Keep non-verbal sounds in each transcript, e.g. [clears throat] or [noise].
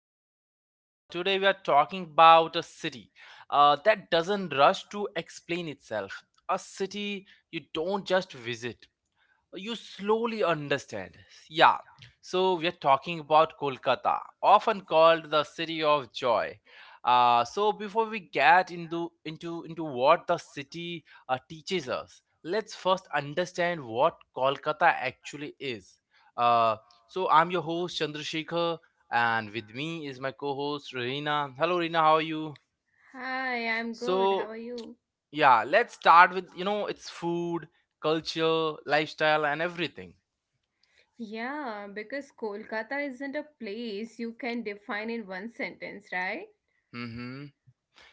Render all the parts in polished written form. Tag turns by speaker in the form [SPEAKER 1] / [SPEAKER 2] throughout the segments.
[SPEAKER 1] Hope you're doing well. Today, we are talking about a city that doesn't rush to explain itself. A city you don't just visit, you slowly understand. Yeah. So we are talking about Kolkata, often called the city of joy. So before we get into what the city teaches us, let's first understand what Kolkata actually is. Uh, so I'm your host Chandrasekhar, and with me is my co-host Reena. Hello, Reena. How are you?
[SPEAKER 2] Hi, I'm good. How
[SPEAKER 1] So
[SPEAKER 2] are you?
[SPEAKER 1] yeah, let's start with its food, culture, lifestyle, and everything.
[SPEAKER 2] Yeah, because Kolkata isn't a place you can define in one sentence, right?
[SPEAKER 1] Mm-hmm.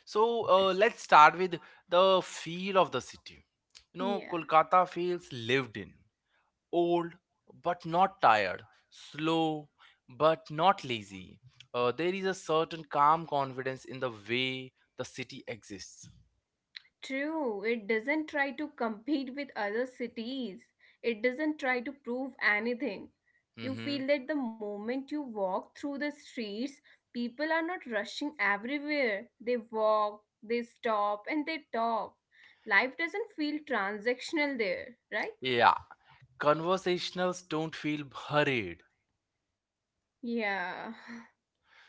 [SPEAKER 1] So let's start with the feel of the city. You know,
[SPEAKER 2] Yeah.
[SPEAKER 1] Kolkata feels lived in, old but not tired, slow but not lazy. There is a certain calm confidence in the way the city exists.
[SPEAKER 2] True, it doesn't try to compete with other cities. It doesn't try to prove anything. You
[SPEAKER 1] Mm-hmm.
[SPEAKER 2] feel that the moment you walk through the streets, people are not rushing everywhere. They walk, they stop, and they talk. Life doesn't feel transactional there, right?
[SPEAKER 1] Yeah, conversationals don't feel hurried.
[SPEAKER 2] Yeah. [laughs] [sighs]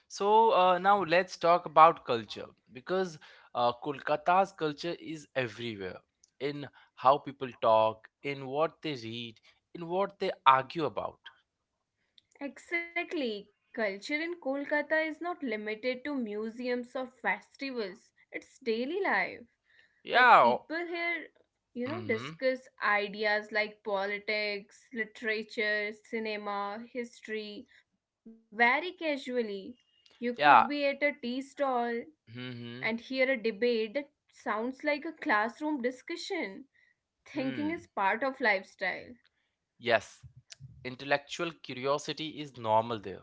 [SPEAKER 1] So now let's talk about culture because Kolkata's culture is everywhere in how people talk, in what they read, in what they argue about.
[SPEAKER 2] Exactly. Culture in Kolkata is not limited to museums or festivals. It's daily life. Like
[SPEAKER 1] Yeah.
[SPEAKER 2] people here,
[SPEAKER 1] Mm-hmm.
[SPEAKER 2] discuss ideas like politics, literature, cinema, history very casually. You could be at a
[SPEAKER 1] Yeah.
[SPEAKER 2] tea stall and
[SPEAKER 1] Mm-hmm.
[SPEAKER 2] hear a debate that sounds like a classroom discussion. Thinking is
[SPEAKER 1] Hmm.
[SPEAKER 2] part of lifestyle.
[SPEAKER 1] Yes. Intellectual curiosity is normal there.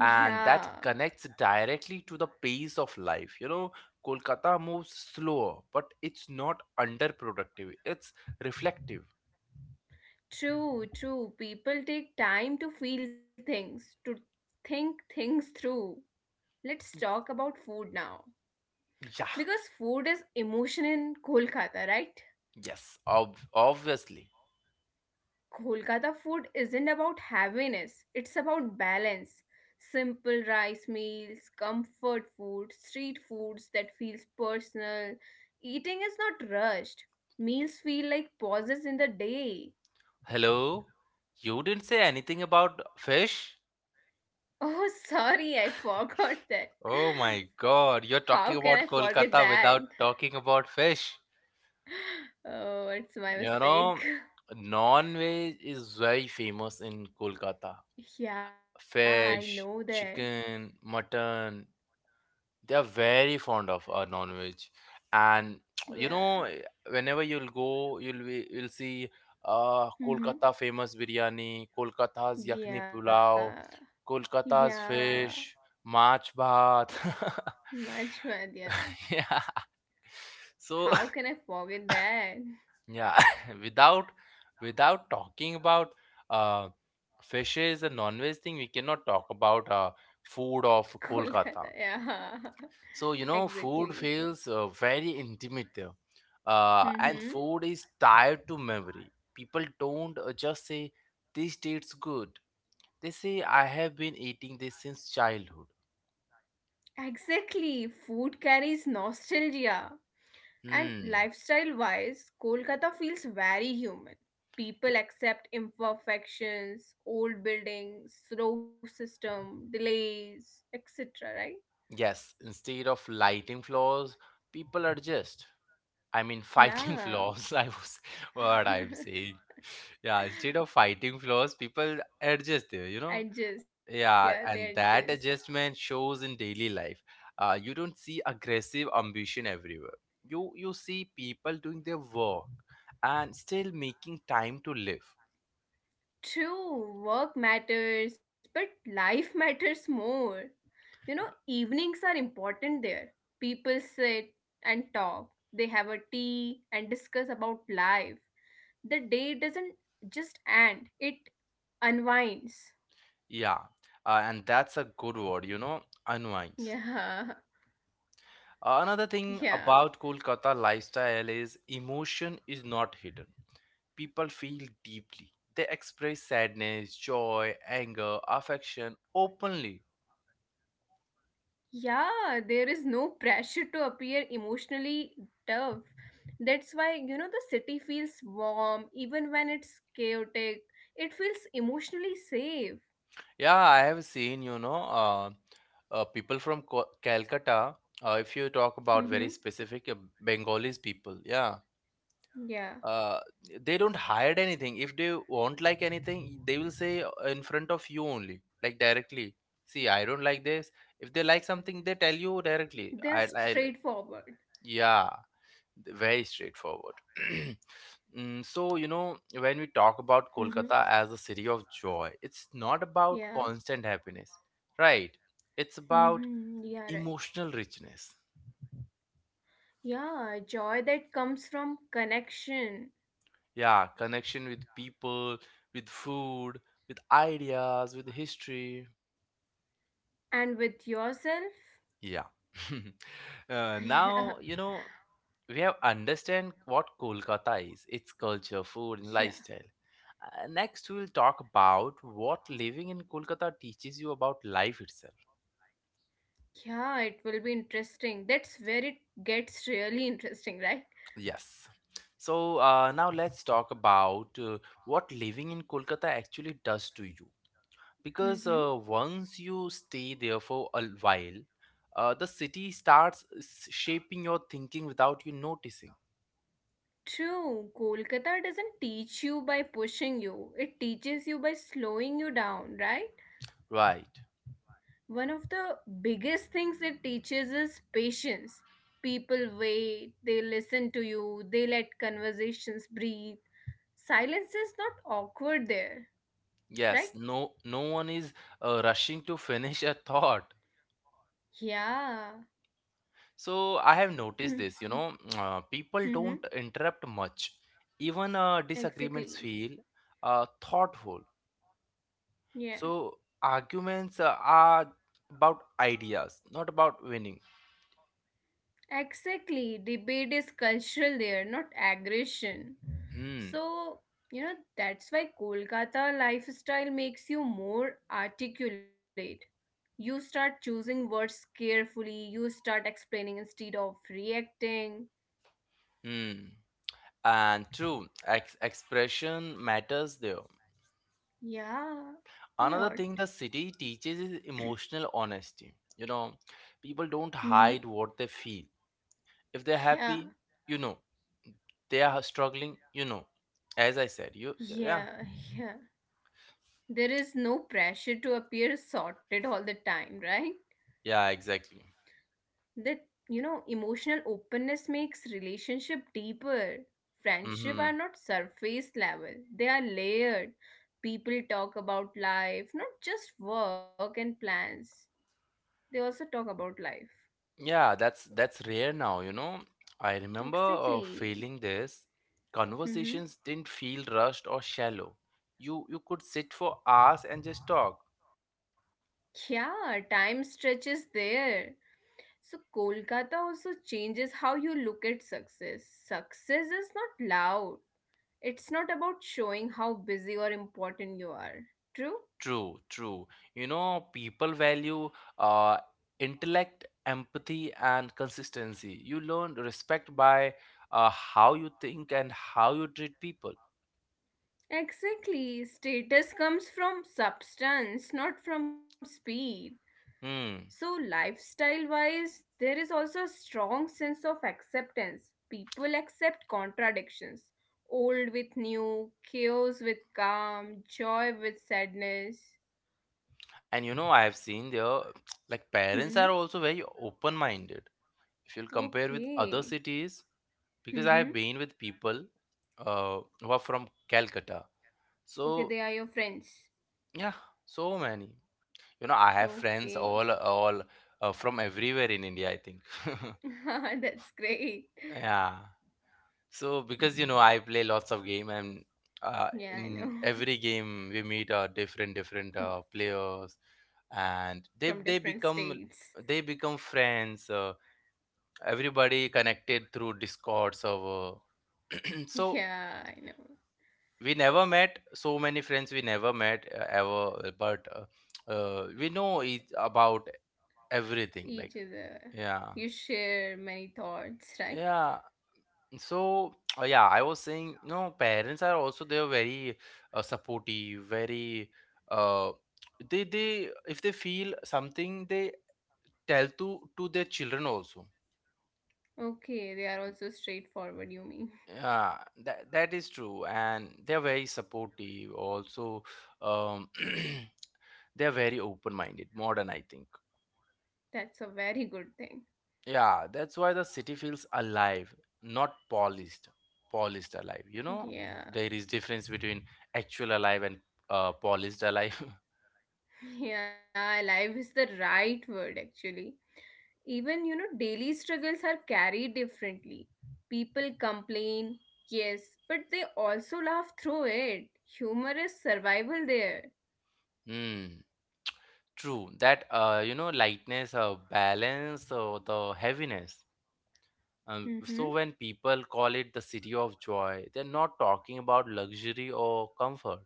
[SPEAKER 1] And that connects directly to the pace of life. You know, Kolkata moves slower, but it's not underproductive. It's reflective.
[SPEAKER 2] True, true. People take time to feel things, to think things through. Let's talk about food now.
[SPEAKER 1] Yeah.
[SPEAKER 2] Because food is emotion in Kolkata, right?
[SPEAKER 1] Yes, obviously.
[SPEAKER 2] Kolkata food isn't about heaviness, it's about balance. Simple rice meals, comfort food, street foods that feels personal. Eating is not rushed. Meals feel like pauses in the day.
[SPEAKER 1] Hello? You didn't say anything about fish?
[SPEAKER 2] Oh, [laughs] sorry, I forgot that.
[SPEAKER 1] Oh my god, you're talking
[SPEAKER 2] How
[SPEAKER 1] about
[SPEAKER 2] can I
[SPEAKER 1] Kolkata
[SPEAKER 2] forget that?
[SPEAKER 1] without talking about fish.
[SPEAKER 2] Oh, it's
[SPEAKER 1] You
[SPEAKER 2] my
[SPEAKER 1] know,
[SPEAKER 2] mistake. [laughs]
[SPEAKER 1] non-veg is very famous in Kolkata.
[SPEAKER 2] Yeah, I
[SPEAKER 1] Fish,
[SPEAKER 2] know that.
[SPEAKER 1] chicken, mutton, they are very fond of non-veg and [tsk] you
[SPEAKER 2] Yeah.
[SPEAKER 1] know whenever you'll you'll see kolkata
[SPEAKER 2] Mm-hmm.
[SPEAKER 1] famous biryani kolkata's yakni
[SPEAKER 2] Yeah.
[SPEAKER 1] pulao kolkata's
[SPEAKER 2] Yeah.
[SPEAKER 1] fish march bhat
[SPEAKER 2] Majhmad, yeah.
[SPEAKER 1] [laughs] yeah so
[SPEAKER 2] How can I forget that?
[SPEAKER 1] [laughs] yeah [laughs] without without talking about uh fishes and non-veg thing we cannot talk about food of
[SPEAKER 2] [laughs] Kolkata,
[SPEAKER 1] kolkata.
[SPEAKER 2] yeah. [laughs]
[SPEAKER 1] So, you know, food
[SPEAKER 2] Exactly.
[SPEAKER 1] feels very intimate there. And
[SPEAKER 2] Mm-hmm.
[SPEAKER 1] food is tied to memory. People don't just say, this tastes good. They say, I have been eating this since childhood.
[SPEAKER 2] Exactly. Food carries nostalgia. And
[SPEAKER 1] Hmm.
[SPEAKER 2] lifestyle wise, Kolkata feels very human.
[SPEAKER 1] Y-
[SPEAKER 2] People accept imperfections, old buildings, slow system, delays, etc. Right?
[SPEAKER 1] Yes, instead of lighting flaws, people adjust. I mean, fighting [laughs]
[SPEAKER 2] Yeah.
[SPEAKER 1] flaws, I was what I'm saying. Yeah, instead of
[SPEAKER 2] [laughs]
[SPEAKER 1] fighting flaws, people adjust there, you know.
[SPEAKER 2] Adjust, yeah, they
[SPEAKER 1] Yeah, and
[SPEAKER 2] adjust.
[SPEAKER 1] that adjustment shows in daily life. You don't see aggressive ambition everywhere. You see people doing their work and still making time to live.
[SPEAKER 2] True, work matters, but life [laughs] matters more. You know, evenings are important there. People sit and talk, they have a tea and discuss about life. The day doesn't just end, it unwinds.
[SPEAKER 1] Yeah, and that's a good word, you know,
[SPEAKER 2] Yeah,
[SPEAKER 1] unwinds. Uh,
[SPEAKER 2] [laughs]
[SPEAKER 1] another
[SPEAKER 2] yeah,
[SPEAKER 1] thing about Kolkata lifestyle is emotion is not hidden. People feel deeply. They express sadness, joy, anger, affection openly.
[SPEAKER 2] yeah. There is no pressure to appear emotionally tough. That's why, the city feels warm even when it's chaotic. It feels emotionally safe.
[SPEAKER 1] Yeah, I have seen, people from Calcutta, if you talk about very
[SPEAKER 2] Mm-hmm.
[SPEAKER 1] specific Bengalis people, yeah,
[SPEAKER 2] Yeah.
[SPEAKER 1] uh, they don't hide anything. If they won't like anything, they will say in front of you only, like directly. See, I don't like this. If they like something, they tell you directly.
[SPEAKER 2] They're straightforward.
[SPEAKER 1] Yeah, very straightforward. [clears throat] Mm, so you know when we talk about
[SPEAKER 2] Hmm.
[SPEAKER 1] kolkata as a city of joy it's not about
[SPEAKER 2] Yeah.
[SPEAKER 1] constant happiness, right? It's about
[SPEAKER 2] Hmm. Yeah, right.
[SPEAKER 1] emotional richness,
[SPEAKER 2] Yeah, joy that comes from connection
[SPEAKER 1] yeah, connection with people, with food, with ideas, with history.
[SPEAKER 2] and with yourself.
[SPEAKER 1] Yeah. [laughs] uh,
[SPEAKER 2] [laughs]
[SPEAKER 1] now
[SPEAKER 2] Yeah.
[SPEAKER 1] you know we have understand what Kolkata is, its culture, food, and
[SPEAKER 2] Yeah.
[SPEAKER 1] lifestyle. Next, we'll talk about what living in Kolkata teaches you about life itself.
[SPEAKER 2] Yeah, it will be interesting. That's where it gets really interesting, right?
[SPEAKER 1] Yes. So now let's talk about what living in Kolkata actually does to you. Because once you stay there for a while, the city starts shaping your thinking without you noticing.
[SPEAKER 2] True, Kolkata doesn't teach you by pushing you. It teaches you by slowing you down, right?
[SPEAKER 1] Right.
[SPEAKER 2] One of the biggest things it teaches is patience. People wait, they listen to you, they let conversations breathe. Silence is not awkward there, right?
[SPEAKER 1] Yes. No. No one is rushing to [laughs] finish a thought.
[SPEAKER 2] Yeah.
[SPEAKER 1] So I have noticed this, you
[SPEAKER 2] [clears throat]
[SPEAKER 1] know, [tsk] people
[SPEAKER 2] Mm-hmm.
[SPEAKER 1] don't interrupt much. Even disagreements
[SPEAKER 2] Exactly.
[SPEAKER 1] feel thoughtful.
[SPEAKER 2] Yeah.
[SPEAKER 1] So arguments are about ideas, not about winning.
[SPEAKER 2] Exactly. Debate is cultural there, not aggression.
[SPEAKER 1] Hmm.
[SPEAKER 2] So, that's why Kolkata lifestyle makes you more articulate. You start choosing words carefully, you start explaining instead of reacting.
[SPEAKER 1] Hmm. And true, expression matters there.
[SPEAKER 2] Yeah, a
[SPEAKER 1] Another
[SPEAKER 2] lot.
[SPEAKER 1] thing the city teaches is emotional honesty. You know, people don't
[SPEAKER 2] Hmm.
[SPEAKER 1] hide what they feel. If they're
[SPEAKER 2] Yeah,
[SPEAKER 1] happy, you know. They are struggling, you know. As I said, you yeah.
[SPEAKER 2] yeah, yeah. There is no pressure to appear sorted all the time, right?
[SPEAKER 1] Yeah, exactly.
[SPEAKER 2] That emotional openness makes relationship deeper. Friendship
[SPEAKER 1] Hmm.
[SPEAKER 2] are not surface level, they are layered. People talk about life, not just work and plans, they also talk about life.
[SPEAKER 1] Yeah, that's rare now, you know. I remember
[SPEAKER 2] Exactly.
[SPEAKER 1] feeling this.
[SPEAKER 2] Mm-hmm.
[SPEAKER 1] Conversations didn't feel rushed or shallow. You could sit for hours and just talk.
[SPEAKER 2] Yeah, time stretches there. So Kolkata also changes how you look at success. Success is not loud. It's not about showing how busy or important you are. True?
[SPEAKER 1] True, true. You know, people value uh, intellect, empathy, and consistency. You learn respect by how you think and how you treat people.
[SPEAKER 2] Exactly. Status comes from substance, not from speed. So,
[SPEAKER 1] Hmm.
[SPEAKER 2] lifestyle wise, there is also a strong sense of acceptance. People accept contradictions old with new, chaos with calm, joy with sadness.
[SPEAKER 1] And you know, I have seen there, [tsk] like
[SPEAKER 2] Hmm.
[SPEAKER 1] parents are also very open-minded if you'll compare with
[SPEAKER 2] Okay.
[SPEAKER 1] other cities, because I
[SPEAKER 2] Hmm.
[SPEAKER 1] have been with people who are from Calcutta.
[SPEAKER 2] Okay,
[SPEAKER 1] So
[SPEAKER 2] they are your friends.
[SPEAKER 1] yeah, so many. You know, I have friends
[SPEAKER 2] Okay.
[SPEAKER 1] all from everywhere in India. I think.
[SPEAKER 2] [laughs] That's great.
[SPEAKER 1] [laughs] Yeah. So because you know I play lots of game and
[SPEAKER 2] Yeah, I know.
[SPEAKER 1] in every game we meet different different players and
[SPEAKER 2] From
[SPEAKER 1] they
[SPEAKER 2] different
[SPEAKER 1] become
[SPEAKER 2] states.
[SPEAKER 1] they become friends. Everybody connected through Discord server. [clears throat] So
[SPEAKER 2] Yeah, I know.
[SPEAKER 1] we never met so many friends we never met ever, but we know each about everything like
[SPEAKER 2] Each other.
[SPEAKER 1] yeah
[SPEAKER 2] You share many thoughts, right?
[SPEAKER 1] yeah. So yeah, I was saying you know parents are also they're very supportive, very uh, they if they feel something they tell to their children also,
[SPEAKER 2] Okay, they are also straightforward, you mean.
[SPEAKER 1] yeah. That, that is true and they're very supportive also. um [clears throat] they're very open minded, modern, I think.
[SPEAKER 2] That's a very good thing.
[SPEAKER 1] Yeah, that's why the city feels alive, not polished. Polished alive, you know? There
[SPEAKER 2] Yeah.
[SPEAKER 1] is difference between actual alive and polished alive. [laughs]
[SPEAKER 2] Yeah, life is the right word, actually. Even, daily struggles are carried differently. People complain, yes, but they also laugh through it. Humor is survival there.
[SPEAKER 1] Hmm. True. That You know, lightness, balance, the heaviness. Um,
[SPEAKER 2] Mm-hmm.
[SPEAKER 1] so when people call it the city of joy, they're not talking about luxury or comfort.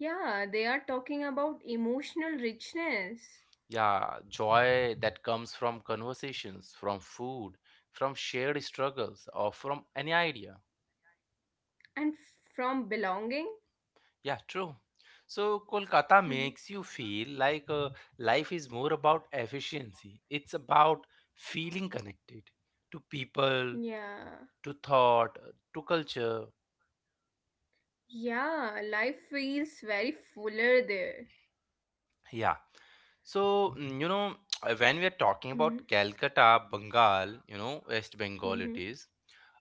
[SPEAKER 2] Yeah, they are talking about emotional richness
[SPEAKER 1] Yeah, joy that comes from conversations, from food, from shared struggles, or from any idea.
[SPEAKER 2] and from belonging.
[SPEAKER 1] Yeah, true. So Kolkata makes
[SPEAKER 2] [laughs]
[SPEAKER 1] you feel like life is more about efficiency. It's about feeling connected to people,
[SPEAKER 2] Yeah.
[SPEAKER 1] to thought, to culture.
[SPEAKER 2] Yeah, life feels very fuller there.
[SPEAKER 1] Yeah. So, mm, you know, [tsk] when we are talking about
[SPEAKER 2] Mhm,
[SPEAKER 1] Calcutta, Bengal, you know, West Bengal it
[SPEAKER 2] mhm,
[SPEAKER 1] is,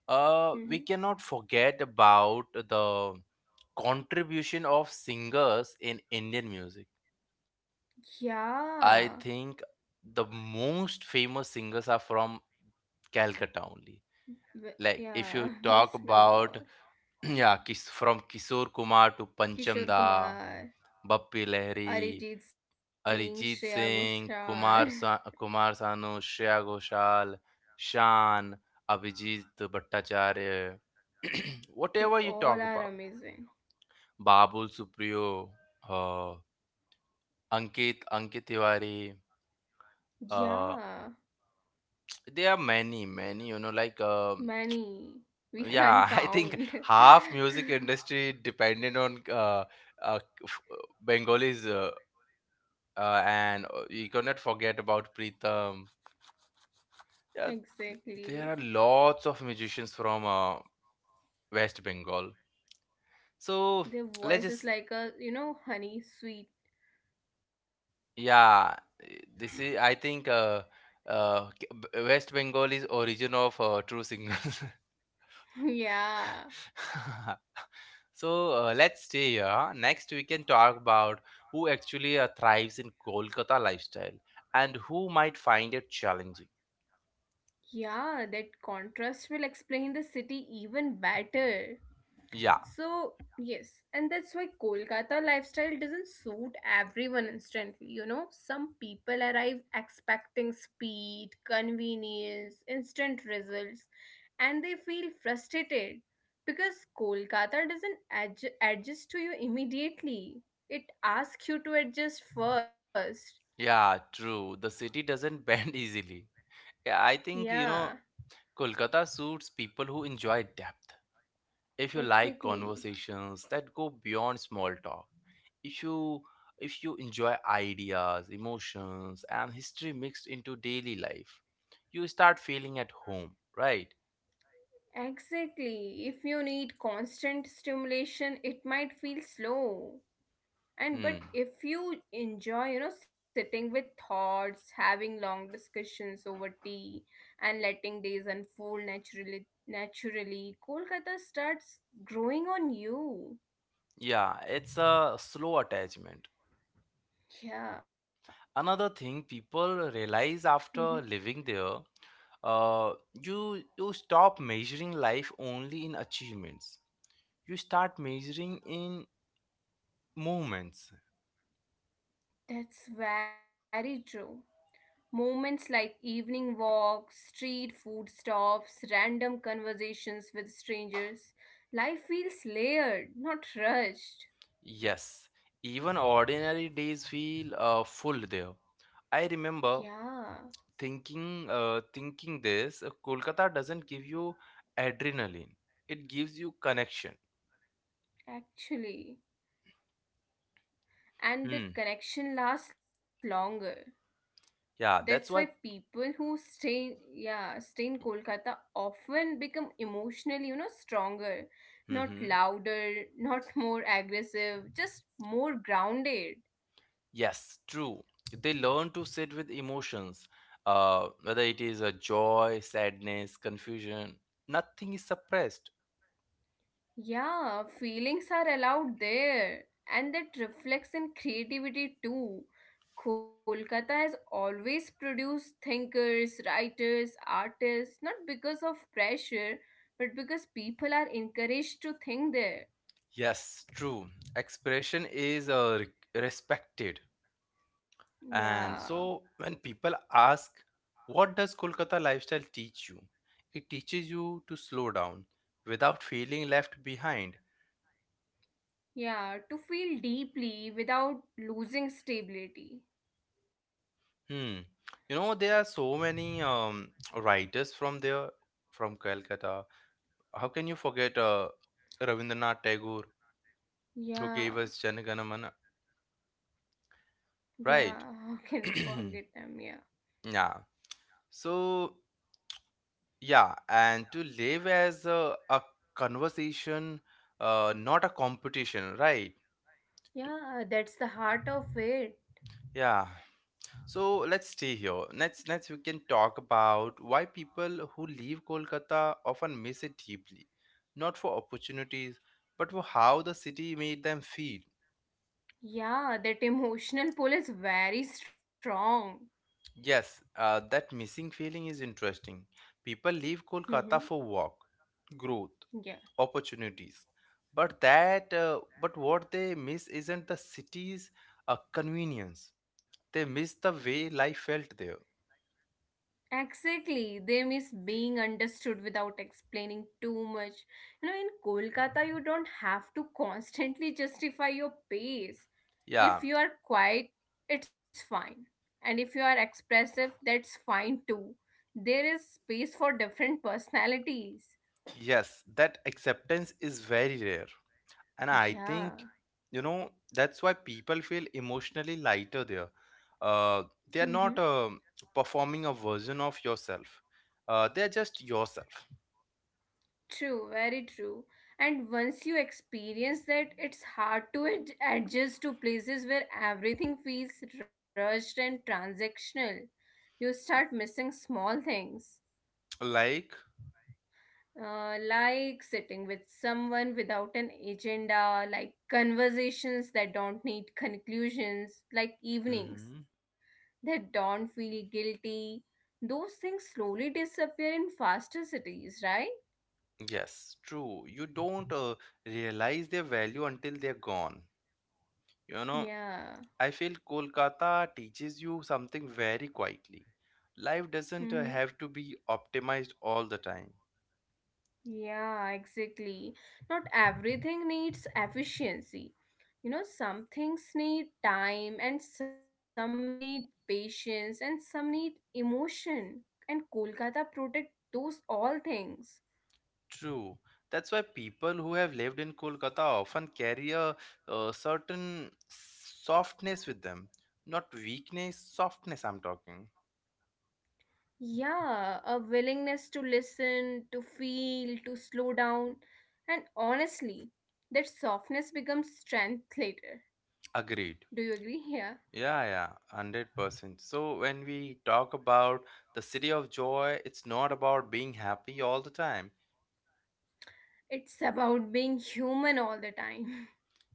[SPEAKER 1] we
[SPEAKER 2] mhm.
[SPEAKER 1] cannot forget about the contribution of singers in Indian music. I
[SPEAKER 2] Yeah.
[SPEAKER 1] think the most famous singers are from Calcutta only. Like if you
[SPEAKER 2] Yeah, [laughs]
[SPEAKER 1] talk
[SPEAKER 2] West
[SPEAKER 1] about
[SPEAKER 2] Bengal.
[SPEAKER 1] [clears throat] yeah, from Kishore Kumar to Pancham
[SPEAKER 2] Kishore
[SPEAKER 1] Da,
[SPEAKER 2] Kumar,
[SPEAKER 1] Bappi Lahiri,
[SPEAKER 2] Arijit Singh, Shreya
[SPEAKER 1] Arijit Singh,
[SPEAKER 2] Ghoshal. [laughs]
[SPEAKER 1] Kumar Sanu, Shreya Ghoshal, Shan, Abhijit Bhattacharya, [clears throat]
[SPEAKER 2] They
[SPEAKER 1] whatever you
[SPEAKER 2] all
[SPEAKER 1] talk
[SPEAKER 2] are
[SPEAKER 1] about,
[SPEAKER 2] amazing.
[SPEAKER 1] Babul Supriyo, uh, Ankit Tiwari, uh,
[SPEAKER 2] Yeah.
[SPEAKER 1] there are many many you know like
[SPEAKER 2] Many. We
[SPEAKER 1] yeah.
[SPEAKER 2] can't
[SPEAKER 1] [laughs] I think
[SPEAKER 2] count.
[SPEAKER 1] half music
[SPEAKER 2] [laughs]
[SPEAKER 1] industry dependent on uh f- uh, bengalis and you cannot forget about Pritham, yeah. There are
[SPEAKER 2] Exactly.
[SPEAKER 1] lots of musicians from west bengal. So
[SPEAKER 2] Their
[SPEAKER 1] let's
[SPEAKER 2] voice
[SPEAKER 1] just
[SPEAKER 2] is like a, honey sweet.
[SPEAKER 1] yeah this is I think West Bengal is origin of true signals.
[SPEAKER 2] [laughs] Yeah.
[SPEAKER 1] [laughs] So let's stay here. Next, we can talk about who actually thrives in Kolkata lifestyle and who might find it challenging.
[SPEAKER 2] Yeah, that contrast will explain the city even better.
[SPEAKER 1] Yeah,
[SPEAKER 2] So, yes, and that's why Kolkata lifestyle doesn't suit everyone instantly. You know, some people arrive expecting speed, convenience, instant results, and they feel frustrated because Kolkata doesn't adjust to you immediately. It asks you to adjust first.
[SPEAKER 1] yeah, true. The city doesn't [laughs] bend easily. Yeah, I think, you
[SPEAKER 2] Yeah,
[SPEAKER 1] know, Kolkata suits people who enjoy depth. If you like
[SPEAKER 2] exactly.
[SPEAKER 1] conversations that go beyond small talk, if you if you enjoy ideas, emotions, and history mixed into daily life, you start feeling at home, right?
[SPEAKER 2] Exactly. If you need constant stimulation, it might feel slow. And
[SPEAKER 1] Hmm.
[SPEAKER 2] but if you enjoy sitting with thoughts, having long discussions over tea, and letting days unfold naturally, Kolkata starts growing on you.
[SPEAKER 1] Yeah, it's a slow attachment.
[SPEAKER 2] Yeah.
[SPEAKER 1] Another thing people realize
[SPEAKER 2] Hmm.
[SPEAKER 1] after living there, uh, you stop measuring life only in achievements. You start measuring in moments.
[SPEAKER 2] That's very true. Moments like evening walks, street food stops, random conversations with strangers. Life feels layered, not rushed.
[SPEAKER 1] Yes, even ordinary days feel full there. I remember
[SPEAKER 2] Yeah.
[SPEAKER 1] thinking this, Kolkata doesn't give you adrenaline. It gives you connection.
[SPEAKER 2] Actually, and
[SPEAKER 1] Hmm.
[SPEAKER 2] that connection lasts longer. That's why
[SPEAKER 1] Yeah, that's why.
[SPEAKER 2] people who stay, yeah, stay in Kolkata often become emotionally, stronger, not
[SPEAKER 1] Mhm.
[SPEAKER 2] louder, not [laughs] more aggressive, just more grounded.
[SPEAKER 1] Yes, true. They learn to sit with emotions, whether it is a joy, sadness, confusion. Nothing is suppressed.
[SPEAKER 2] Yeah, feelings are allowed there, and that reflects in creativity too. Kolkata has always produced thinkers, writers, artists, not because of pressure, but because people are encouraged to think there.
[SPEAKER 1] Yes, true. Expression is respected. And
[SPEAKER 2] Yeah,
[SPEAKER 1] so when people ask, what does Kolkata lifestyle teach you? It teaches you to slow down without feeling left behind.
[SPEAKER 2] yeah, to feel deeply without losing stability.
[SPEAKER 1] Hmm. You know, there are so many writers from there, from Kolkata. How can you forget Rabindranath Tagore, who
[SPEAKER 2] Yeah,
[SPEAKER 1] gave us Jana Gana Mana? Right.
[SPEAKER 2] yeah, [laughs] how can we
[SPEAKER 1] [clears throat]
[SPEAKER 2] forget them? Yeah,
[SPEAKER 1] Yeah. So, yeah, and to live as a conversation, not a competition, right?
[SPEAKER 2] yeah, that's the heart of it.
[SPEAKER 1] Yeah. So let's stay here. Next we can talk about why people who leave Kolkata often miss it deeply, not for opportunities, but for how the city made them feel.
[SPEAKER 2] Yeah, that emotional pull is very strong.
[SPEAKER 1] Yes, that missing feeling is interesting. People leave Kolkata
[SPEAKER 2] Hmm.
[SPEAKER 1] for work, growth,
[SPEAKER 2] Yeah,
[SPEAKER 1] opportunities, but what they miss isn't the city's convenience. They miss the way life felt there.
[SPEAKER 2] exactly. They miss being understood without explaining too much. In Kolkata, you don't have to constantly justify your pace.
[SPEAKER 1] Yeah,
[SPEAKER 2] If you are quiet, it's fine. And if you are expressive, that's fine too. There is space for different personalities.
[SPEAKER 1] yes, that acceptance is very rare, and I think
[SPEAKER 2] Yeah.
[SPEAKER 1] you know that's why people feel emotionally lighter there. Uh, they are not
[SPEAKER 2] Mm-hmm.
[SPEAKER 1] performing a version of yourself. They are just yourself.
[SPEAKER 2] True, very true. And once you experience that, it's hard to adjust to places where everything feels rushed and transactional. You start missing small things,
[SPEAKER 1] Like,
[SPEAKER 2] like sitting with someone without an agenda, like conversations that don't need conclusions, like evenings
[SPEAKER 1] hmm,
[SPEAKER 2] that don't feel guilty. Those things slowly disappear in faster cities, right?
[SPEAKER 1] yes, true. You don't realize their value until they're gone. You know,
[SPEAKER 2] Yeah.
[SPEAKER 1] I feel Kolkata teaches you something very quietly. Life doesn't
[SPEAKER 2] Mm-hmm.
[SPEAKER 1] have to be optimized all the time.
[SPEAKER 2] Yeah, exactly. Not everything needs efficiency. Some things need time, and some need patience, and some need emotion. And Kolkata protect those all things.
[SPEAKER 1] True. That's why people who have lived in Kolkata often carry a certain softness with them. Not weakness, softness, I'm talking.
[SPEAKER 2] Yeah, a willingness to listen, to feel, to slow down. And honestly, that softness becomes strength later.
[SPEAKER 1] Agreed.
[SPEAKER 2] Do you agree? [laughs] Yeah.
[SPEAKER 1] Yeah, yeah, 100%. So when we talk about the city of joy, it's not about being happy all the time.
[SPEAKER 2] It's about being human all the time.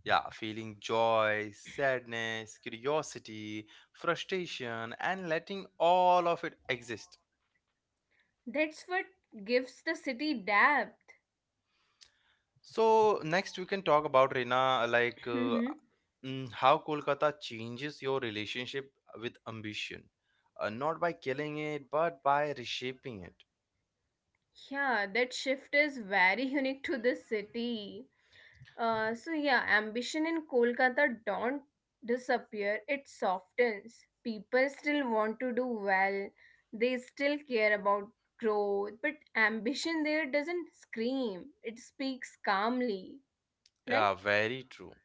[SPEAKER 1] Yeah, feeling joy, sadness, curiosity, frustration, and letting all of it exist.
[SPEAKER 2] That's what gives the city depth.
[SPEAKER 1] So next we can talk about Reena,
[SPEAKER 2] Mhm.
[SPEAKER 1] how Kolkata changes your relationship with ambition, not by killing it, but by reshaping it.
[SPEAKER 2] Yeah, that shift is very [laughs] unique to the city. So yeah, ambition in Kolkata don't disappear. It softens. People still want to do well. They still care about growth, but ambition there doesn't scream. It speaks calmly, right?
[SPEAKER 1] Yeah, very true.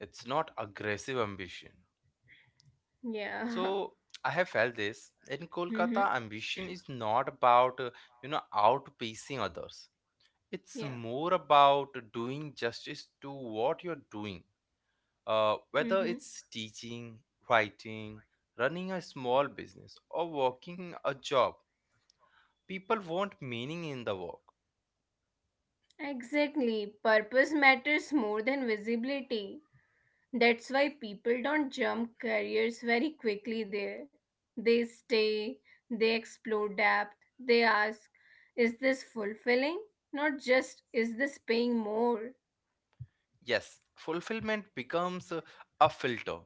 [SPEAKER 1] It's not aggressive ambition.
[SPEAKER 2] Yeah. [laughs]
[SPEAKER 1] So I have felt this in
[SPEAKER 2] Mm-hmm.
[SPEAKER 1] Kolkata, ambition is not about you know, outpacing others. It's
[SPEAKER 2] Yeah.
[SPEAKER 1] more about doing justice to what you're doing. Whether
[SPEAKER 2] Mm-hmm.
[SPEAKER 1] it's teaching, writing, running a small business, or working a job, people want meaning in the work.
[SPEAKER 2] Exactly. Purpose matters more than visibility. That's why people don't jump careers very quickly there. They stay, they explore depth, they ask, is this fulfilling? Not just, is this paying more?
[SPEAKER 1] Yes, fulfillment becomes a filter.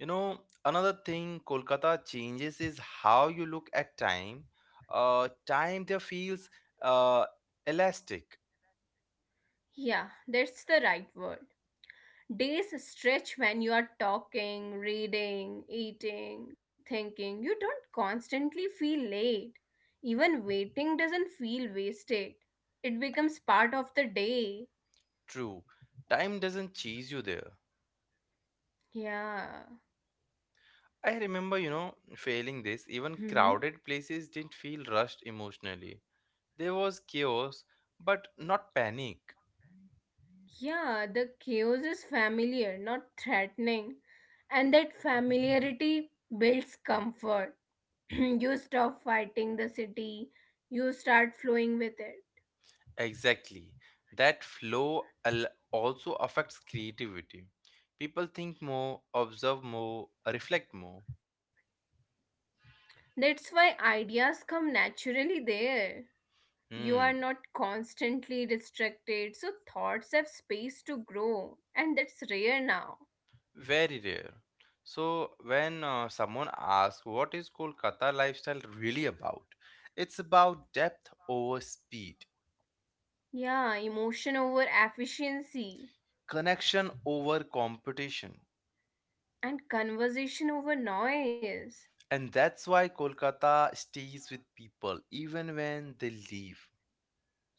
[SPEAKER 1] You know, another thing Kolkata changes is how you look at time. Time there feels uh, elastic,
[SPEAKER 2] Yeah, that's the right word. Days stretch when you are talking, reading, eating, thinking. You don't constantly feel late. Even waiting doesn't feel wasted, it becomes part of the day.
[SPEAKER 1] true. Time doesn't chase you there.
[SPEAKER 2] Yeah.
[SPEAKER 1] I remember, you know, failing this, even
[SPEAKER 2] Mm-hmm.
[SPEAKER 1] crowded places didn't feel rushed emotionally. There was chaos, but not panic.
[SPEAKER 2] Yeah, the chaos is familiar, not threatening. And that familiarity builds comfort. [clears throat] You stop fighting the city, you start flowing with it.
[SPEAKER 1] Exactly. That flow al- also affects creativity. People think more, observe more, reflect more.
[SPEAKER 2] That's why ideas come naturally there. You are
[SPEAKER 1] Hmm.
[SPEAKER 2] not constantly distracted, so thoughts have space to grow, and that's rare now.
[SPEAKER 1] Very rare. So, when someone asks, what is Kolkata lifestyle really about? It's about depth over speed,
[SPEAKER 2] Yeah, emotion over efficiency
[SPEAKER 1] connection over competition.
[SPEAKER 2] and conversation over noise.
[SPEAKER 1] And that's why Kolkata stays with people even when they leave.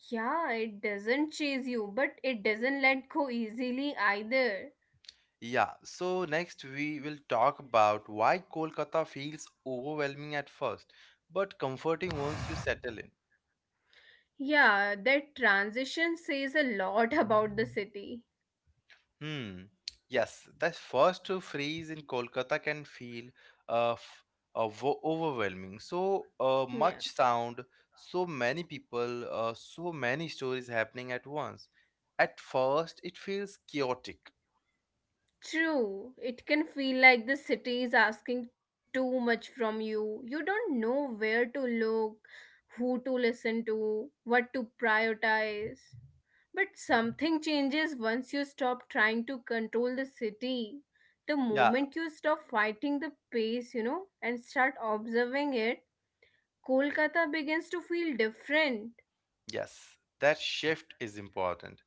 [SPEAKER 2] Yeah, it doesn't chase you, but it doesn't let go easily either.
[SPEAKER 1] Yeah, so next we will talk about why Kolkata feels overwhelming at first, but comforting once you settle in.
[SPEAKER 2] Yeah, that transition says a lot about the city.
[SPEAKER 1] Hmm. Yes, that first freeze in Kolkata can feel uh, f- overwhelming. So
[SPEAKER 2] Yeah.
[SPEAKER 1] much sound, so many people, so many stories happening at once. At first, it feels chaotic.
[SPEAKER 2] True, it can feel like the city is asking too much from you. You don't know where to look, who to listen to, what to prioritize. But something changes once you stop trying to control the city. The
[SPEAKER 1] Yeah,
[SPEAKER 2] moment you stop fighting the pace, and start observing it, Kolkata begins to feel different.
[SPEAKER 1] yes, that shift is important.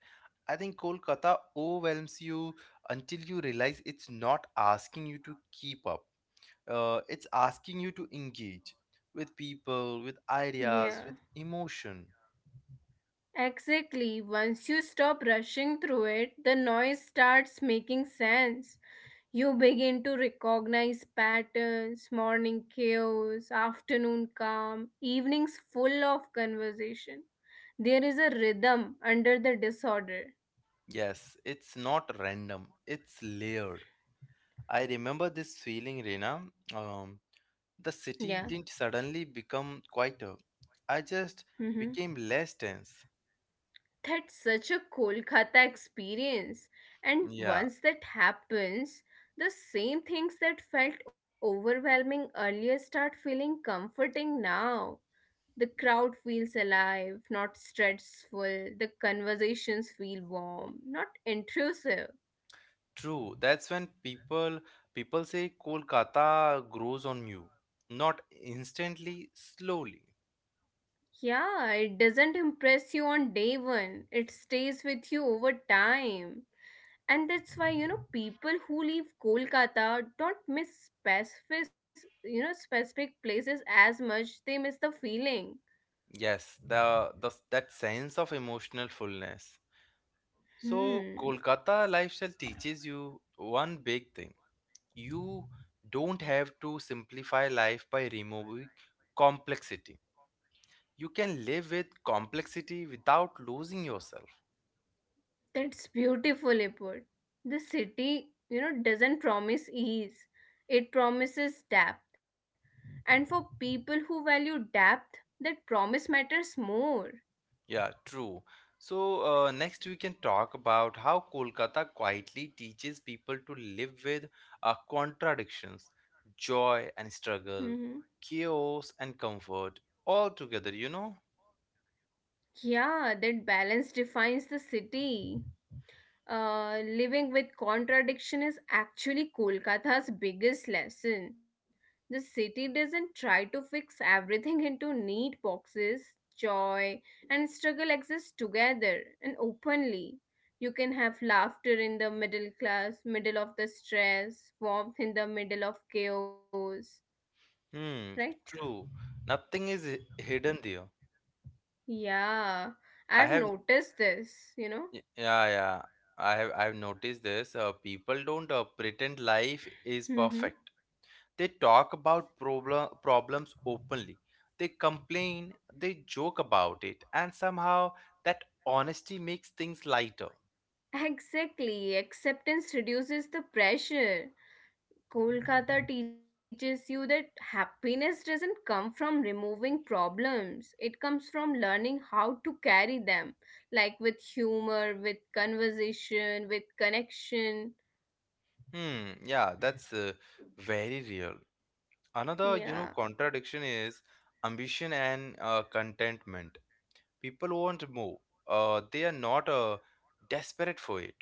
[SPEAKER 1] I think Kolkata overwhelms you until you realize it's not asking you to keep up. It's asking you to engage with people, with
[SPEAKER 2] Yeah.
[SPEAKER 1] ideas, with emotion.
[SPEAKER 2] Exactly. Once you stop rushing through it, the noise starts making sense. You begin to recognize patterns morning chaos, afternoon calm, evenings full of conversation. There is a rhythm under the disorder.
[SPEAKER 1] Yes, it's not random, it's layered. I remember this feeling, Reena. Um, the city
[SPEAKER 2] Yeah.
[SPEAKER 1] didn't suddenly become quieter. I just
[SPEAKER 2] Hmm.
[SPEAKER 1] became less tense.
[SPEAKER 2] That's such a Kolkata experience. And
[SPEAKER 1] Yeah,
[SPEAKER 2] once that happens, the same things that felt overwhelming earlier start feeling comforting now. The crowd feels alive, not stressful. The conversations feel warm, not intrusive.
[SPEAKER 1] true. That's when people say Kolkata grows on you. Not instantly, slowly.
[SPEAKER 2] Yeah, it doesn't impress you on day one, it stays with you over time. And that's why people who leave Kolkata don't miss specific you know specific places as much, they miss the feeling.
[SPEAKER 1] Yes, the, that sense of emotional fullness. So
[SPEAKER 2] Hmm.
[SPEAKER 1] Kolkata lifestyle teaches you one big thing. You don't have to simplify life by removing complexity. You can live with complexity without losing yourself.
[SPEAKER 2] That's beautifully put. The city doesn't promise ease. It promises depth, and for people who value depth, that promise matters more.
[SPEAKER 1] Yeah, true. So, next we can talk about how Kolkata quietly teaches people to live with contradictions, joy and
[SPEAKER 2] Hmm.
[SPEAKER 1] struggle, chaos and comfort, all together, you know?
[SPEAKER 2] Yeah, that balance defines the city. Living with contradiction is actually Kolkata's biggest lesson. The city doesn't try to fix everything into neat boxes. Joy and struggle exist together and openly. You can have laughter in the middle of the stress, warmth in the middle of chaos,
[SPEAKER 1] Hmm,
[SPEAKER 2] right?
[SPEAKER 1] true. Nothing is hi- hidden there.
[SPEAKER 2] Yeah,
[SPEAKER 1] I
[SPEAKER 2] I've
[SPEAKER 1] have
[SPEAKER 2] noticed this.
[SPEAKER 1] Y- Yeah, yeah. I've noticed this. People don't pretend life is
[SPEAKER 2] Hmm.
[SPEAKER 1] perfect. They talk about problems openly. They complain, they joke about it, and somehow that honesty makes things lighter.
[SPEAKER 2] Exactly. Acceptance reduces the pressure. Kolkata teaches you that happiness doesn't come from removing problems. It comes from learning how to carry them, like with humor, with conversation, with connection.
[SPEAKER 1] Hmm, yeah, that's very real. Another, you know,
[SPEAKER 2] Yeah,
[SPEAKER 1] contradiction is ambition and contentment. People want more. They are not desperate for it.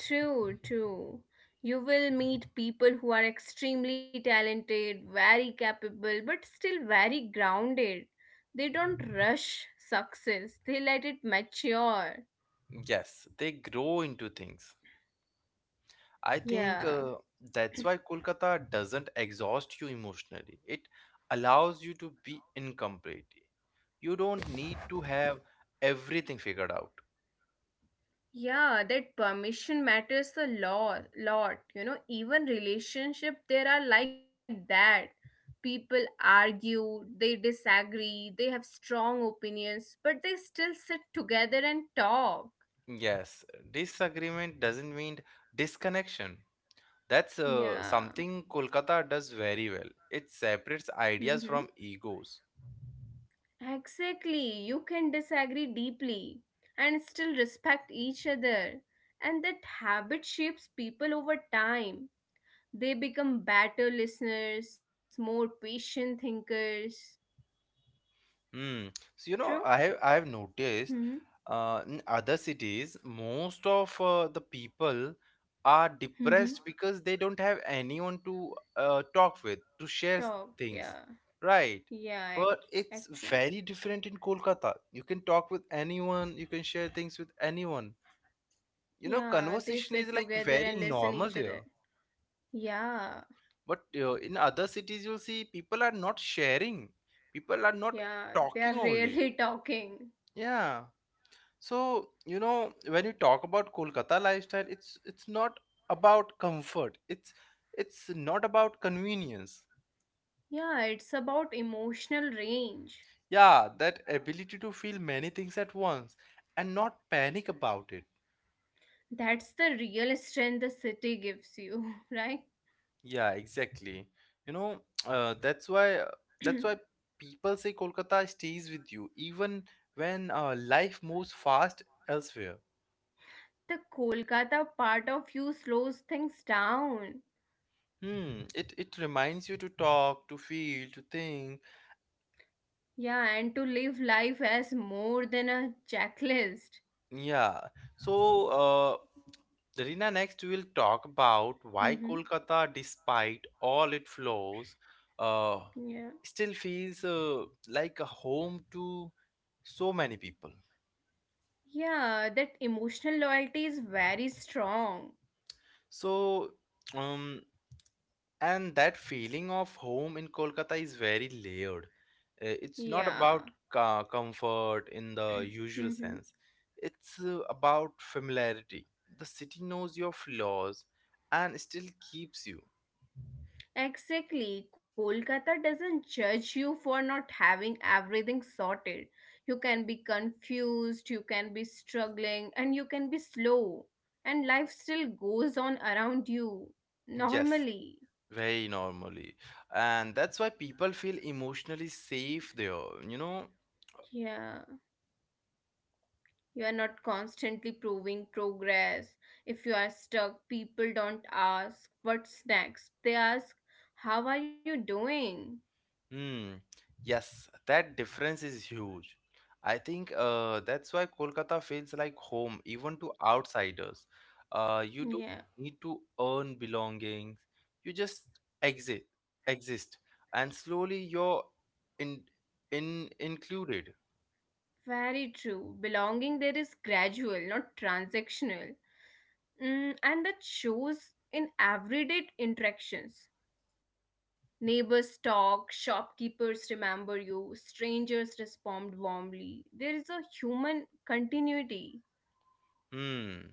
[SPEAKER 2] true, true. You will meet people who are extremely talented, very capable, but still very grounded. They don't rush success, they let it mature.
[SPEAKER 1] Yes, they grow into things. I think
[SPEAKER 2] Yeah.
[SPEAKER 1] that's why Kolkata doesn't exhaust you emotionally. It allows you to be incomplete. You don't need to have everything figured out.
[SPEAKER 2] Yeah, that permission matters a lot. You know, even relationship there are like that. People argue, they disagree, they have strong opinions, but they still sit together and talk.
[SPEAKER 1] Yes, disagreement doesn't mean disconnection. That's
[SPEAKER 2] Yeah.
[SPEAKER 1] something Kolkata does very well. It separates ideas
[SPEAKER 2] Mm-hmm.
[SPEAKER 1] from egos.
[SPEAKER 2] Exactly. You can disagree deeply and still respect each other. And that habit shapes people over time. They become better listeners, more patient thinkers.
[SPEAKER 1] Mm. So, you know,
[SPEAKER 2] True?
[SPEAKER 1] I have noticed
[SPEAKER 2] Hmm.
[SPEAKER 1] in other cities, most of the people are
[SPEAKER 2] Hmm.
[SPEAKER 1] depressed because they don't have anyone to talk with, to share
[SPEAKER 2] Talk.
[SPEAKER 1] things,
[SPEAKER 2] Yeah.
[SPEAKER 1] right?
[SPEAKER 2] Yeah.
[SPEAKER 1] But it's
[SPEAKER 2] Actually.
[SPEAKER 1] very different in Kolkata. You can talk with anyone, you can share things with anyone. You know,
[SPEAKER 2] Yeah. They
[SPEAKER 1] conversation is
[SPEAKER 2] sit
[SPEAKER 1] like
[SPEAKER 2] together
[SPEAKER 1] very
[SPEAKER 2] and listen
[SPEAKER 1] normal
[SPEAKER 2] each
[SPEAKER 1] there.
[SPEAKER 2] other. Yeah.
[SPEAKER 1] But in other cities, you'll see people are not sharing, people are not
[SPEAKER 2] Yeah. They are
[SPEAKER 1] talking only.
[SPEAKER 2] really [laughs] talking.
[SPEAKER 1] Yeah. So, you know, when you talk about Kolkata lifestyle, it's not about comfort. It's not about convenience.
[SPEAKER 2] Yeah. It's about emotional range.
[SPEAKER 1] Yeah, that ability to feel many things at once and not panic about it.
[SPEAKER 2] That's the real strength the city gives you, [laughs] right?
[SPEAKER 1] Yeah, exactly. You know, [tsk] uh, that's why uh, that's why people say Kolkata stays with you even when life moves fast elsewhere.
[SPEAKER 2] The Kolkata part of you slows things down.
[SPEAKER 1] Hmm, it reminds you to talk, to feel, to think.
[SPEAKER 2] Yeah, and to live life as more than a checklist.
[SPEAKER 1] Yeah. So, Rina, next we will talk about why
[SPEAKER 2] Mm-hmm.
[SPEAKER 1] Kolkata, despite all its flaws, uh,
[SPEAKER 2] Yeah.
[SPEAKER 1] still feels like a home to so many people.
[SPEAKER 2] Yeah, that emotional loyalty is very strong.
[SPEAKER 1] So, um, and that feeling of home in Kolkata is very layered. It's Yeah. not
[SPEAKER 2] Yeah.
[SPEAKER 1] about ca- comfort in the usual
[SPEAKER 2] Mhm.
[SPEAKER 1] sense. It's about familiarity. The city knows your flaws and still keeps you.
[SPEAKER 2] Exactly. Kolkata doesn't judge you for not having everything sorted. You can be confused, you can be struggling, and you can be slow. And life still goes on around you
[SPEAKER 1] Yes.
[SPEAKER 2] normally.
[SPEAKER 1] Very normally. And that's why people feel emotionally safe there, you know?
[SPEAKER 2] Yeah. You are not constantly proving progress. If you are stuck, people don't ask what's next. They ask, how are you doing?
[SPEAKER 1] Hmm. Yes, that difference is huge. I think that's why Kolkata feels like home, even to outsiders. You don't
[SPEAKER 2] Yeah,
[SPEAKER 1] need to earn belongings. You just exist, exist, and slowly you're in, in included.
[SPEAKER 2] very true. Belonging there is gradual, not transactional. Mm, and that shows in everyday interactions. Neighbors talk, shopkeepers remember you, strangers respond warmly. There is a human continuity,
[SPEAKER 1] Hmm.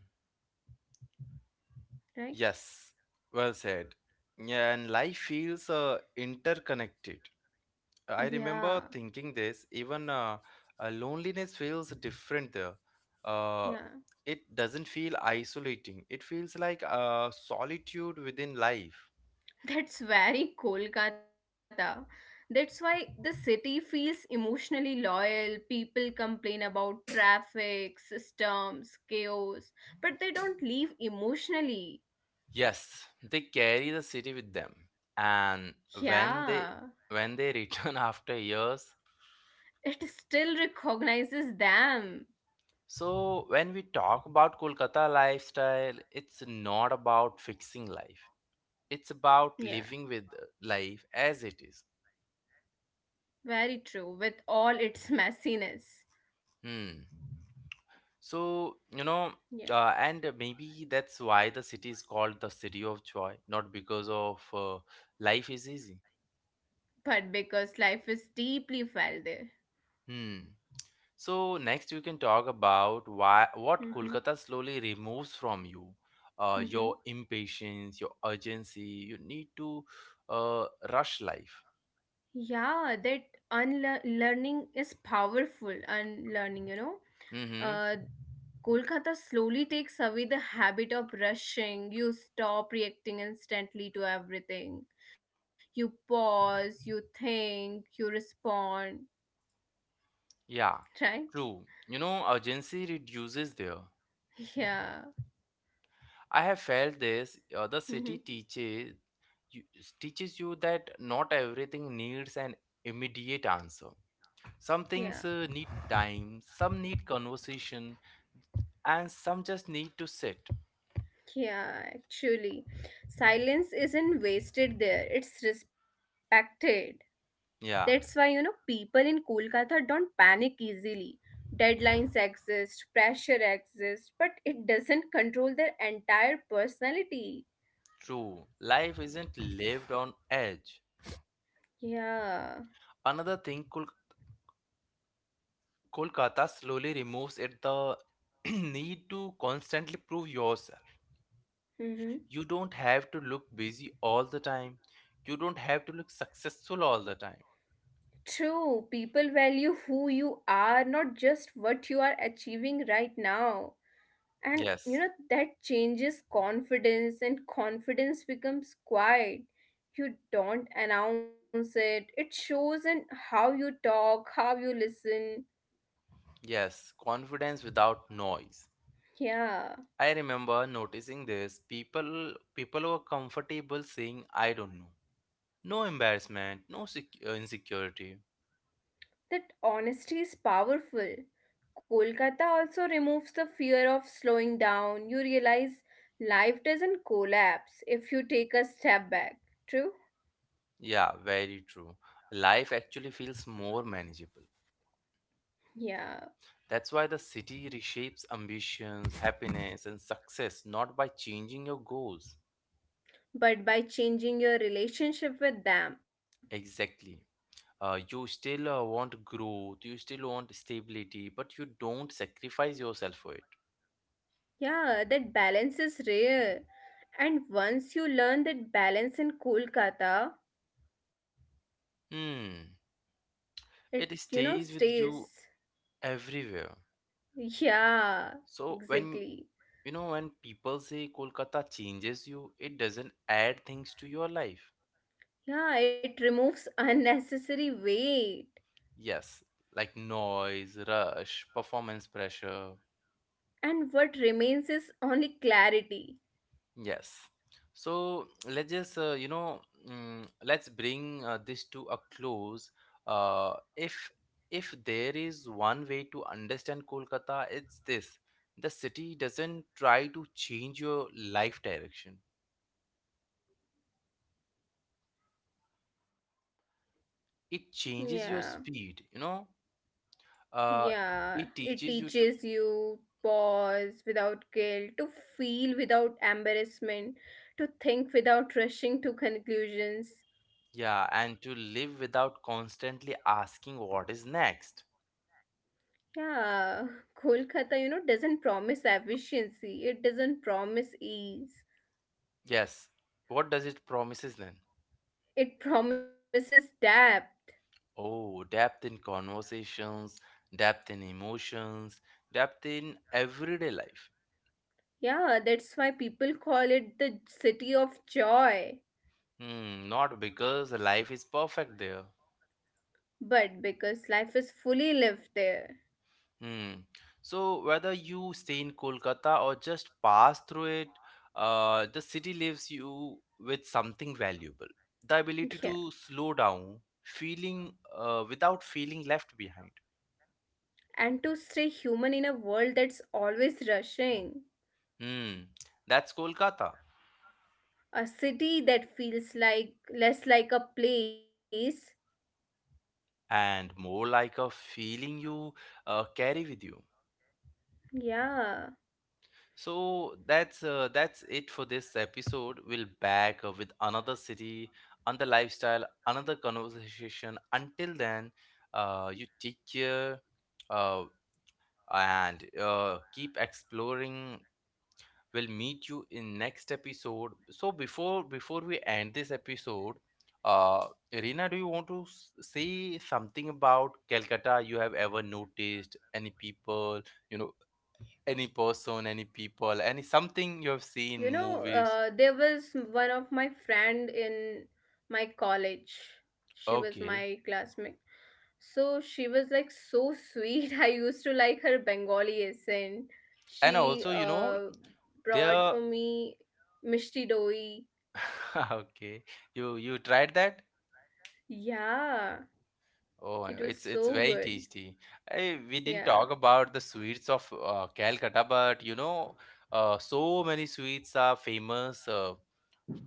[SPEAKER 2] right?
[SPEAKER 1] Yes. Well said. Yeah, and life feels interconnected. I
[SPEAKER 2] Yeah,
[SPEAKER 1] remember thinking this, even loneliness feels different there. Uh,
[SPEAKER 2] yeah.
[SPEAKER 1] it doesn't feel isolating, it feels like solitude within life.
[SPEAKER 2] That's very Kolkata. That's why the city feels emotionally loyal. People complain about traffic, systems, chaos, but they don't leave emotionally.
[SPEAKER 1] Yes, they carry the city with them. And when they
[SPEAKER 2] Yeah,
[SPEAKER 1] when they return [laughs] after years,
[SPEAKER 2] it still recognizes them.
[SPEAKER 1] so when we talk about Kolkata lifestyle, it's not about fixing life. It's about
[SPEAKER 2] Yeah,
[SPEAKER 1] living with life as it is.
[SPEAKER 2] very true, with all its messiness.
[SPEAKER 1] Hmm. So, you know,
[SPEAKER 2] Yeah,
[SPEAKER 1] and maybe that's why the city is called the city of joy, not because of life is easy.
[SPEAKER 2] but because life is deeply felt there.
[SPEAKER 1] Hmm. So next we can talk about why what
[SPEAKER 2] Hmm.
[SPEAKER 1] Kolkata slowly removes from you, your
[SPEAKER 2] Hmm.
[SPEAKER 1] impatience, your urgency. You need to uh, rush life.
[SPEAKER 2] Yeah, that unlearning is powerful. Unlearning.
[SPEAKER 1] Mm-hmm.
[SPEAKER 2] Uh, Kolkata slowly takes away the habit of rushing. You stop reacting instantly to everything. You pause, you think, you respond,
[SPEAKER 1] Yeah,
[SPEAKER 2] right?
[SPEAKER 1] true. You know, urgency reduces there.
[SPEAKER 2] Yeah.
[SPEAKER 1] I have felt this. The city
[SPEAKER 2] [laughs]
[SPEAKER 1] you, teaches you that not everything needs an immediate answer. Some things
[SPEAKER 2] Yeah.
[SPEAKER 1] need time, some need conversation, and some just need to sit.
[SPEAKER 2] Yeah, actually. Silence isn't wasted there, it's respected.
[SPEAKER 1] Yeah,
[SPEAKER 2] That's why people in Kolkata don't panic easily. Deadlines exist, pressure exists, but it doesn't control their entire personality.
[SPEAKER 1] true. Life isn't lived on edge.
[SPEAKER 2] Yeah.
[SPEAKER 1] Another thing, Kolkata slowly removes it the [clears throat] need to constantly prove yourself.
[SPEAKER 2] Mm-hmm.
[SPEAKER 1] You don't have to look busy all the time. You don't have to look successful all the time.
[SPEAKER 2] True, people value who you are, not just what you are achieving right now. And you
[SPEAKER 1] Yes,
[SPEAKER 2] know, that changes confidence, and confidence becomes quiet. You don't announce it, it shows in how you talk, how you listen.
[SPEAKER 1] yes, confidence without noise. I
[SPEAKER 2] Yeah,
[SPEAKER 1] remember noticing this. People were comfortable saying, "I don't know." No embarrassment, no sec- insecurity.
[SPEAKER 2] that honesty is powerful. Kolkata also removes the fear of slowing down. You realize life doesn't collapse if you take a step back. True?
[SPEAKER 1] Yeah, very true. Life actually feels more manageable.
[SPEAKER 2] Yeah.
[SPEAKER 1] That's why the city reshapes ambitions, happiness, and success not by changing your goals.
[SPEAKER 2] But by changing your relationship with them,
[SPEAKER 1] Exactly. You still want growth, you still want stability, but you don't sacrifice yourself for it.
[SPEAKER 2] yeah, that balance is rare. And once you learn that balance in Kolkata,
[SPEAKER 1] Hmm.
[SPEAKER 2] it,
[SPEAKER 1] It
[SPEAKER 2] you know,
[SPEAKER 1] stays with you
[SPEAKER 2] stays.
[SPEAKER 1] everywhere.
[SPEAKER 2] Yeah,
[SPEAKER 1] So when,
[SPEAKER 2] exactly.
[SPEAKER 1] you know, when people say Kolkata changes you, it doesn't add things to your life.
[SPEAKER 2] Yeah, it removes unnecessary weight.
[SPEAKER 1] Yes, like noise, rush, performance pressure.
[SPEAKER 2] And what remains is only clarity.
[SPEAKER 1] Yes. So let's just, you know, let's bring this to a close. uh, if if there is one way to understand Kolkata, it's this: the city doesn't try to change your life direction, it changes
[SPEAKER 2] Yeah.
[SPEAKER 1] your speed, you know. uh
[SPEAKER 2] Yeah,
[SPEAKER 1] it
[SPEAKER 2] it
[SPEAKER 1] teaches you to,
[SPEAKER 2] teaches you, pause without guilt, to feel without embarrassment, to think without rushing to conclusions.
[SPEAKER 1] yeah, and to live without constantly asking what is next.
[SPEAKER 2] Yeah. Kolkata doesn't promise efficiency, it doesn't promise ease,
[SPEAKER 1] Yes, what does it promises then?
[SPEAKER 2] it promises depth.
[SPEAKER 1] Oh, depth in conversations, depth in emotions, depth in everyday life.
[SPEAKER 2] Yeah, that's why people call it the city of joy,
[SPEAKER 1] Hmm, not because life is perfect there.
[SPEAKER 2] but because life is fully lived there.
[SPEAKER 1] Hmm. So whether you stay in Kolkata or just pass through it, the city leaves you with something valuable. The ability to
[SPEAKER 2] [laughs] Yeah,
[SPEAKER 1] slow down, feeling without feeling left behind.
[SPEAKER 2] and to stay human in a world that's always rushing.
[SPEAKER 1] Hmm. That's Kolkata,
[SPEAKER 2] A city that feels like less like a place.
[SPEAKER 1] and more like a feeling you carry with you.
[SPEAKER 2] Yeah.
[SPEAKER 1] So that's it for this episode. We'll back with another city, another lifestyle, another conversation. Until then, you take care uh, and keep exploring. We'll meet you in next episode. So before we end this episode, uh, Irina, do you want to say something about Calcutta? You have ever noticed any people? You know, any person, any people, any something you have seen movies.
[SPEAKER 2] There was one of my friend in my college. She was
[SPEAKER 1] Okay.
[SPEAKER 2] my classmate. So she was like so sweet. [laughs] I used to like her Bengali accent.
[SPEAKER 1] And
[SPEAKER 2] She
[SPEAKER 1] also, you know,
[SPEAKER 2] brought
[SPEAKER 1] there
[SPEAKER 2] for me mishti doi.
[SPEAKER 1] [laughs] okay. You tried that?
[SPEAKER 2] Yeah,
[SPEAKER 1] Oh,
[SPEAKER 2] it was
[SPEAKER 1] it's
[SPEAKER 2] so
[SPEAKER 1] very
[SPEAKER 2] good.
[SPEAKER 1] tasty. I, we didn't
[SPEAKER 2] Yeah.
[SPEAKER 1] talk about the sweets of Calcutta, but you know, so many sweets are famous.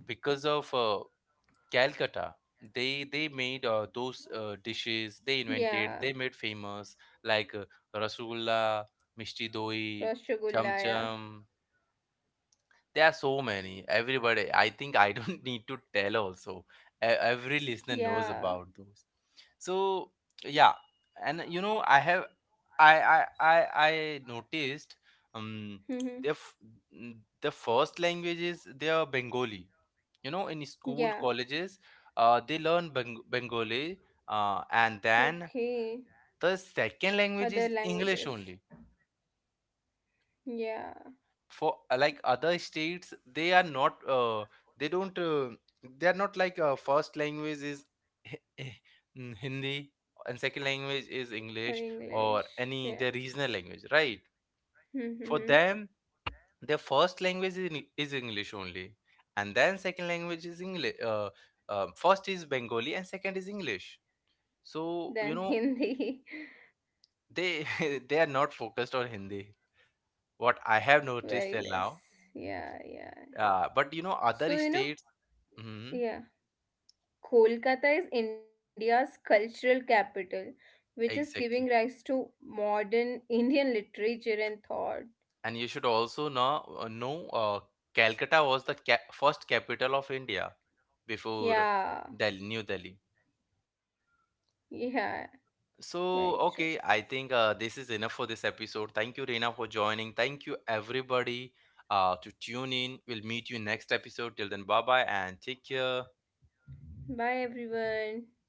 [SPEAKER 1] Because of Calcutta, they made those dishes they
[SPEAKER 2] Yeah,
[SPEAKER 1] invented, they made famous like Rasgulla, Mishti Doi,
[SPEAKER 2] Rasgulla,
[SPEAKER 1] Cham
[SPEAKER 2] yeah.
[SPEAKER 1] Cham. There are so many. Everybody, I think I don't [laughs] need to tell also. E- Every listener knows
[SPEAKER 2] Yeah.
[SPEAKER 1] about those. So yeah, and you know, I have, I noticed um the
[SPEAKER 2] Mhm.
[SPEAKER 1] f- the first language is their Bengali. You know, in school
[SPEAKER 2] Yeah.
[SPEAKER 1] colleges, they learn Bengali, and then
[SPEAKER 2] Okay.
[SPEAKER 1] the second language
[SPEAKER 2] Other
[SPEAKER 1] is English
[SPEAKER 2] languages.
[SPEAKER 1] only
[SPEAKER 2] Yeah.
[SPEAKER 1] for like other states. They are not they don't uh, they are not like first language is Hindi and second language is
[SPEAKER 2] Or
[SPEAKER 1] English
[SPEAKER 2] English.
[SPEAKER 1] or any
[SPEAKER 2] Yeah.
[SPEAKER 1] their regional language, right? For
[SPEAKER 2] Mm-hmm.
[SPEAKER 1] them, their first language is, English only, and then second language is english first is Bengali and second is English.
[SPEAKER 2] Then
[SPEAKER 1] So you know,
[SPEAKER 2] Hindi.
[SPEAKER 1] they [laughs] they are not focused on Hindi, what I have
[SPEAKER 2] [laughs] Very
[SPEAKER 1] noticed till
[SPEAKER 2] less.
[SPEAKER 1] now.
[SPEAKER 2] Yeah, yeah.
[SPEAKER 1] But you know
[SPEAKER 2] So,
[SPEAKER 1] other
[SPEAKER 2] you know,
[SPEAKER 1] states, mm-hmm.
[SPEAKER 2] yeah. Kolkata is India's cultural capital, which is giving
[SPEAKER 1] Exactly.
[SPEAKER 2] rise to modern Indian literature and thought.
[SPEAKER 1] And you should also know, Calcutta was the ca first capital of India before
[SPEAKER 2] Yeah,
[SPEAKER 1] Delhi, New Delhi.
[SPEAKER 2] yeah, very true.
[SPEAKER 1] So, okay, I think this is enough for this episode. Thank you, Reena, for joining. Thank you, everybody, to tune in. We'll meet you next episode. Till then, bye bye and take care.
[SPEAKER 2] Bye, everyone.